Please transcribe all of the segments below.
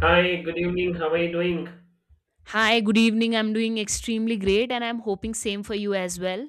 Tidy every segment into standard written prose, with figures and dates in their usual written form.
Hi, good evening. How are you doing? Hi, good evening. I'm doing extremely great and I'm hoping same for you as well.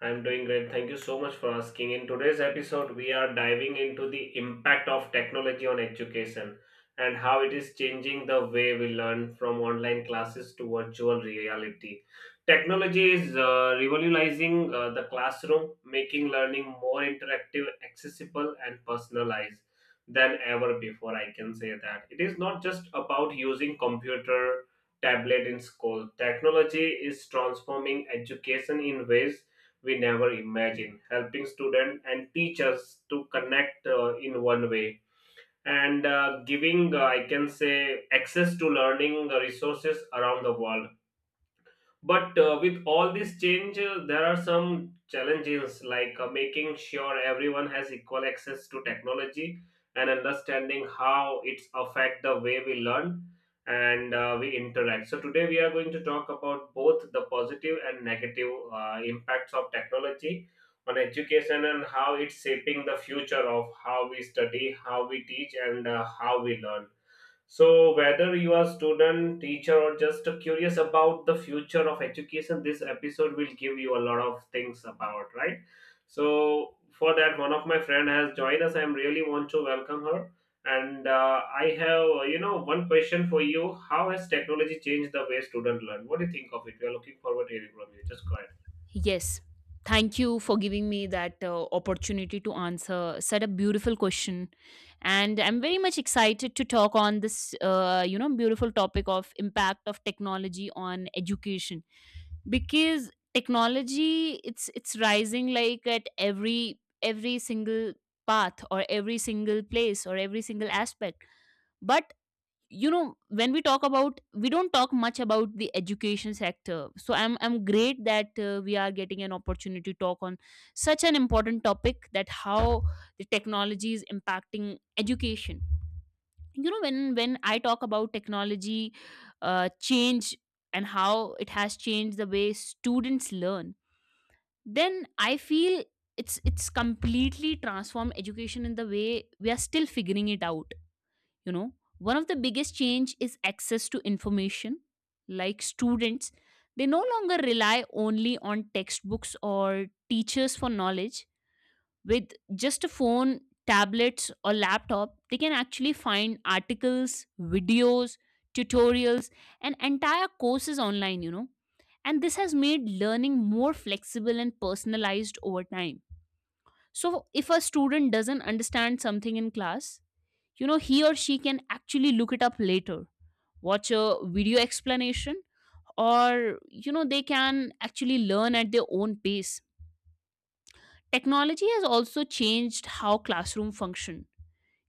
I'm doing great. Thank you so much for asking. In today's episode, we are diving into the impact of technology on education and how it is changing the way we learn, from online classes to virtual reality. Technology is revolutionizing the classroom, making learning more interactive, accessible, and personalized than ever before. I can say that it is not just about using computer tablet in school. Technology is transforming education in ways we never imagined, helping students and teachers to connect in one way, and giving, I can say, access to learning resources around the world. But with all these changes, there are some challenges, like making sure everyone has equal access to technology and understanding how it's affect the way we learn and we interact. So today we are going to talk about both the positive and negative impacts of technology on education and how it's shaping the future of how we study, how we teach, and how we learn. So, whether you are student, teacher, or just curious about the future of education, this episode will give you a lot of things about, right? So, for that, one of my friend has joined us. I am really want to welcome her. And I have, you know, one question for you. How has technology changed the way students learn? What do you think of it? We are looking forward to hearing from you. Just go ahead. Yes. Thank you for giving me that opportunity to answer such a beautiful question, and I'm very much excited to talk on this beautiful topic of impact of technology on education because technology it's rising like at every single path or every single place or every single aspect. But you know, when we talk about, we don't talk much about the education sector, so I'm great that we are getting an opportunity to talk on such an important topic, that how the technology is impacting education. You know, when I talk about technology change and how it has changed the way students learn, then I feel it's completely transformed education in the way we are still figuring it out, you know. One of the biggest change is access to information. Like, students, they no longer rely only on textbooks or teachers for knowledge. With just a phone, tablets or laptop, they can actually find articles, videos, tutorials, and entire courses online, you know. And this has made learning more flexible and personalized over time. So if a student doesn't understand something in class, you know, he or she can actually look it up later, watch a video explanation, or you know, they can actually learn at their own pace. Technology has also changed how classroom function.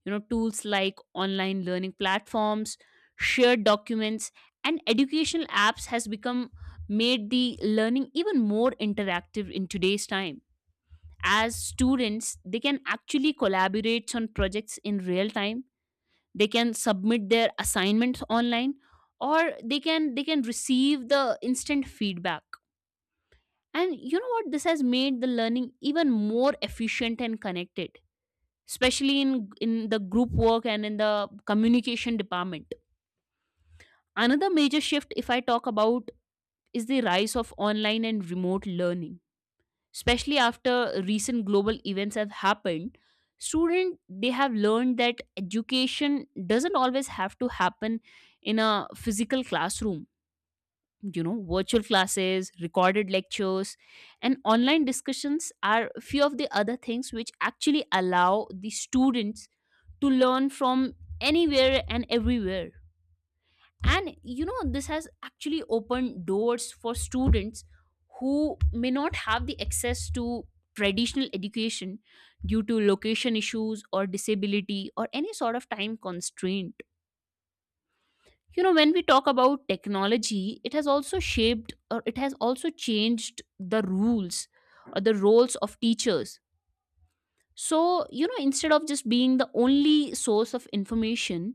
You know, tools like online learning platforms, shared documents, and educational apps has become made the learning even more interactive in today's time. As students, they can actually collaborate on projects in real time, they can submit their assignments online, or they can receive the instant feedback. And you know what, this has made the learning even more efficient and connected, especially in the group work and in the communication department. Another major shift, if I talk about, is the rise of online and remote learning, especially after recent global events have happened. Student, they have learned that education doesn't always have to happen in a physical classroom. You know, virtual classes, recorded lectures, and online discussions are few of the other things which actually allow the students to learn from anywhere and everywhere. And you know, this has actually opened doors for students who may not have the access to traditional education due to location issues or disability or any sort of time constraint. You know, when we talk about technology, it has also shaped or it has also changed the rules or the roles of teachers. So you know, instead of just being the only source of information,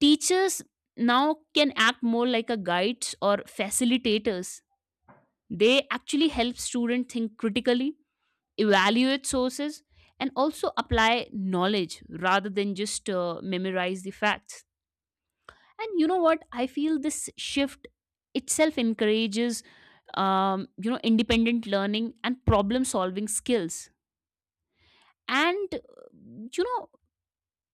teachers now can act more like a guides or facilitators. They actually help students think critically, evaluate sources, and also apply knowledge rather than just memorize the facts. And you know what? I feel this shift itself encourages you know, independent learning and problem solving skills. And you know,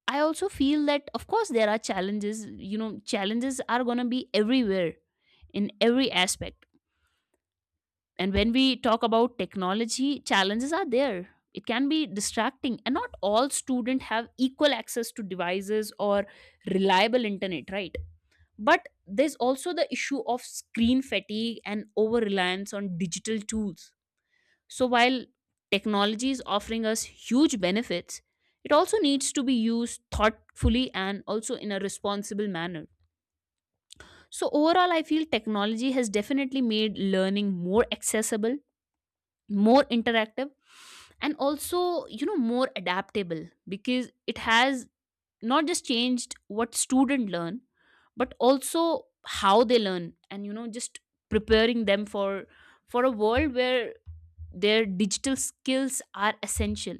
I also feel that, of course, there are challenges. You know, challenges are going to be everywhere in every aspect. And when we talk about technology, challenges are there. It can be distracting, and not all students have equal access to devices or reliable internet, right? But there's also the issue of screen fatigue and over reliance on digital tools. So while technology is offering us huge benefits, it also needs to be used thoughtfully and also in a responsible manner. So overall, I feel technology has definitely made learning more accessible, more interactive, and also, you know, more adaptable, because it has not just changed what students learn, but also how they learn. And you know, just preparing them for a world where their digital skills are essential.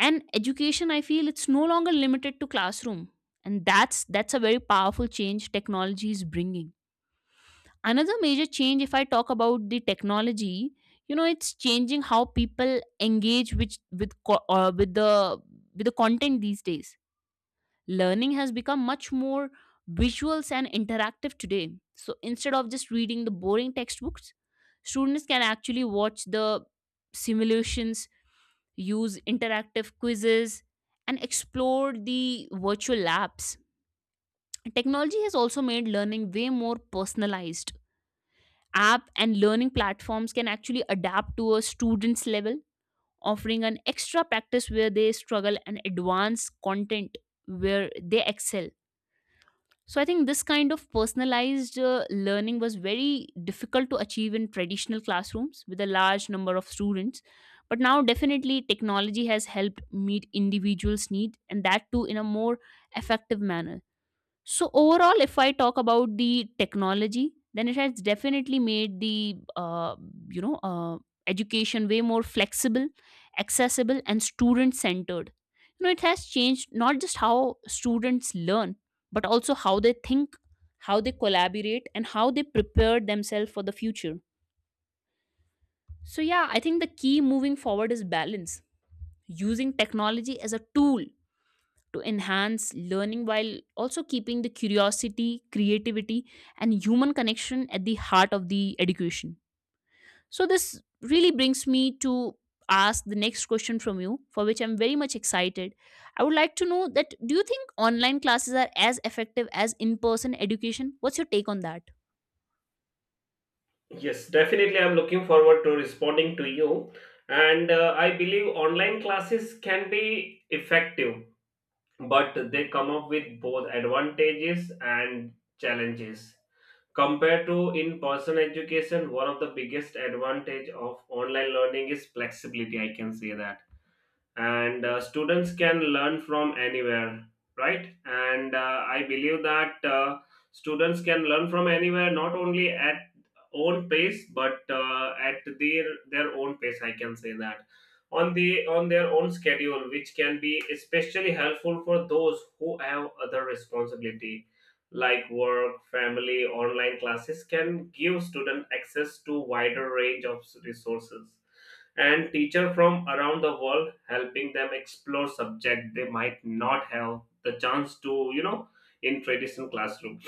And education, I feel it's no longer limited to classroom, and that's a very powerful change technology is bringing. Another major change, if I talk about the technology, you know, it's changing how people engage with with the content these days. Learning has become much more visuals and interactive today. So instead of just reading the boring textbooks, students can actually watch the simulations, use interactive quizzes, and explore the virtual labs. Technology has also made learning way more personalized. App and learning platforms can actually adapt to a student's level, offering an extra practice where they struggle and advanced content where they excel. So I think this kind of personalized learning was very difficult to achieve in traditional classrooms with a large number of students. But now definitely technology has helped meet individuals' need, and that too in a more effective manner. So overall, if I talk about the technology, then it has definitely made the you know uh, education way more flexible, accessible, and student centered. You know, it has changed not just how students learn, but also how they think, how they collaborate, and how they prepare themselves for the future. So yeah, I think the key moving forward is balance, using technology as a tool to enhance learning while also keeping the curiosity, creativity, and human connection at the heart of the education. So this really brings me to ask the next question from you, for which I'm very much excited. I would like to know that, do you think online classes are as effective as in person education? What's your take on that? Yes, definitely. I'm looking forward to responding to you. And I believe online classes can be effective, but they come up with both advantages and challenges compared to in-person education. One of the biggest advantage of online learning is flexibility, I can say that. And students can learn from anywhere, right? And I believe that students can learn from anywhere, not only at own pace but at their own pace, I can say that, on the on their own schedule, which can be especially helpful for those who have other responsibility like work, family. Online classes can give student access to wider range of resources and teachers from around the world, helping them explore subject they might not have the chance to, you know, in traditional classroom.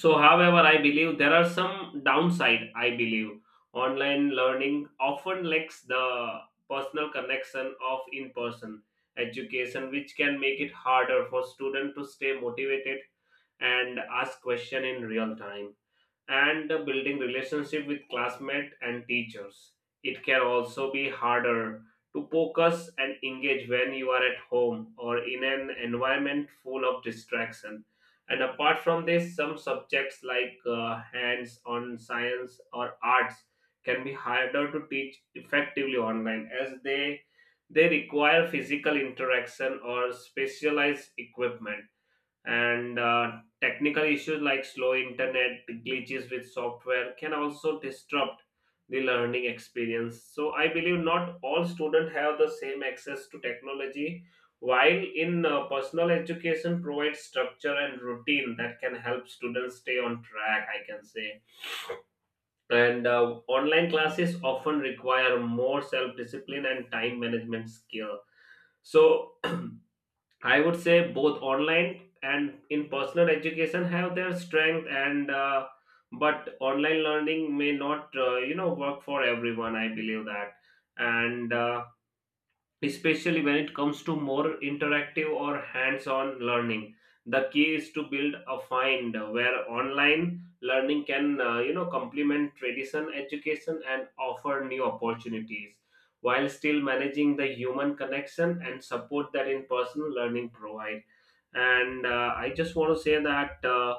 So however, I believe there are some downside. I believe online learning often lacks the personal connection of in person education, which can make it harder for students to stay motivated and ask question in real time, and building relationship with classmates and teachers. It can also be harder to focus and engage when you are at home or in an environment full of distraction. And apart from this, some subjects like hands-on science or arts can be harder to teach effectively online, as they require physical interaction or specialized equipment. And technical issues like slow internet, glitches with software can also disrupt the learning experience. So I believe not all students have the same access to technology. While in personal education provides structure and routine that can help students stay on track, I can say. And online classes often require more self discipline and time management skill. So I would say both online and in personal education have their strength, and but online learning may not you know work for everyone, I believe that. And especially when it comes to more interactive or hands-on learning, the key is to build a find where online learning can, you know, complement traditional education and offer new opportunities while still managing the human connection and support that in-person learning provide. And I just want to say that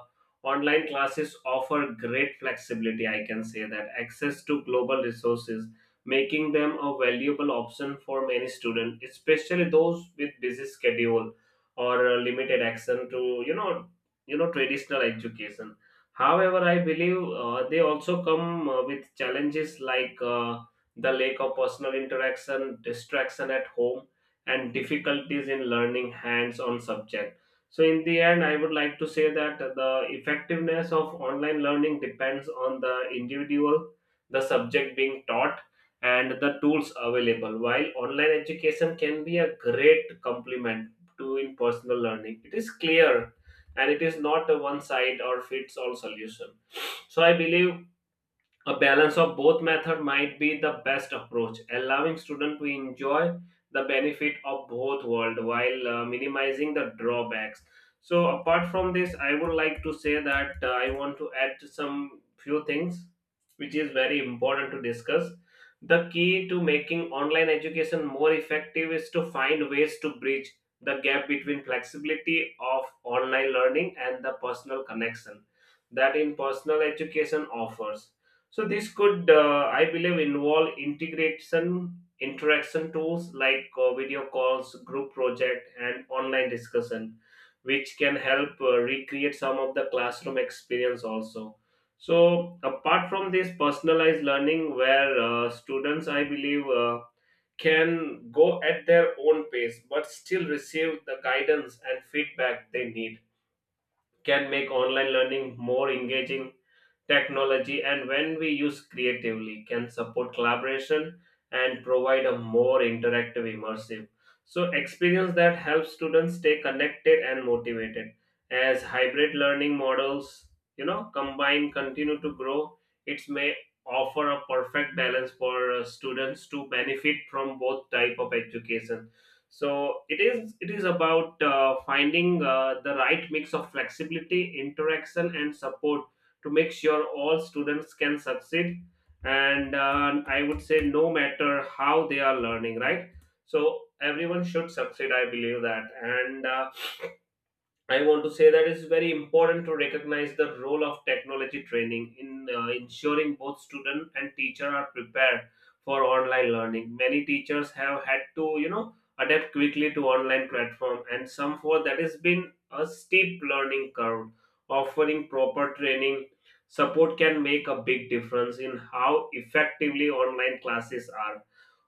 online classes offer great flexibility, I can say that, access to global resources, making them a valuable option for many students, especially those with busy schedule or limited access to, you know, traditional education. However, I believe they also come with challenges like the lack of personal interaction, distraction at home, and difficulties in learning hands-on subject. So, in the end, I would like to say that the effectiveness of online learning depends on the individual, the subject being taught, and the tools available. While online education can be a great complement to in personal learning, it is clear and it is not a one side or fits all solution. So I believe a balance of both method might be the best approach, allowing students to enjoy the benefit of both world while minimizing the drawbacks. So apart from this, I would like to say that I want to add to some few things which is very important to discuss. The key to making online education more effective is to find ways to bridge the gap between flexibility of online learning and the personal connection that in personal education offers. So this could, I believe, involve integration interaction tools like video calls, group project, and online discussion, which can help recreate some of the classroom experience also. So apart from this, personalized learning, where students, I believe, can go at their own pace but still receive the guidance and feedback they need, can make online learning more engaging. Technology, and when we use creatively, can support collaboration and provide a more interactive, immersive, so experience that helps students stay connected and motivated. As hybrid learning models, you know, combine continue to grow, it may offer a perfect balance for students to benefit from both type of education. So it is about finding the right mix of flexibility, interaction, and support to make sure all students can succeed. And I would say no matter how they are learning, right, so everyone should succeed, I believe that. And I want to say that it's very important to recognize the role of technology training in ensuring both student and teacher are prepared for online learning. Many teachers have had to, you know, adapt quickly to online platform, and some for that has been a steep learning curve. Offering proper training support can make a big difference in how effectively online classes are.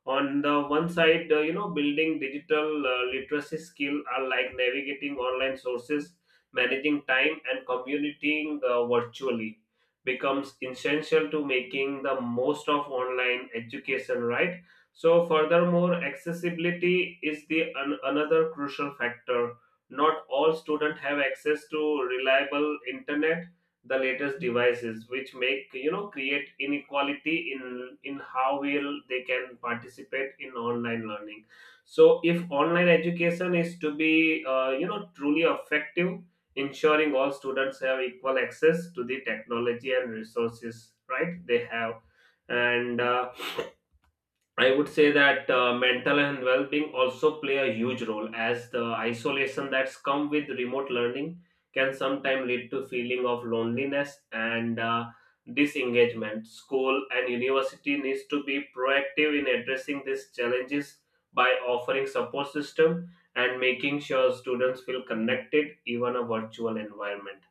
On the one side, you know, building digital literacy skill are like navigating online sources, managing time, and communicating virtually becomes essential to making the most of online education, right? So furthermore, accessibility is the another crucial factor. Not all students have access to reliable internet, the latest devices, which make, you know, create inequality in how well they can participate in online learning. So if online education is to be, you know, truly effective, ensuring all students have equal access to the technology and resources, right, they have. And I would say that mental and well-being also play a huge role, as the isolation that's come with remote learning can sometimes lead to feeling of loneliness and disengagement. School and university needs to be proactive in addressing these challenges by offering support system and making sure students feel connected, even a virtual environment.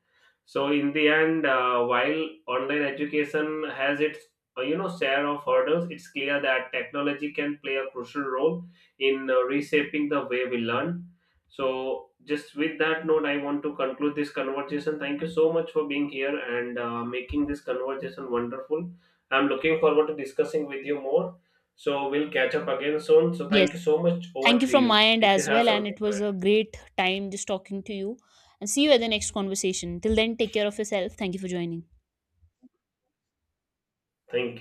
So in the end, while online education has its you know share of hurdles, it's clear that technology can play a crucial role in reshaping the way we learn. So just with that note, I want to conclude this conversation. Thank you so much for being here and making this conversation wonderful. I'm looking forward to discussing with you more, so we'll catch up again soon. So thank you Yes. so much. Over Thank you to from you my end if you as have well. And something it to was add. a great time just talking to you. And see you at the next conversation. Till then, take care of yourself. Thank you for joining. Thank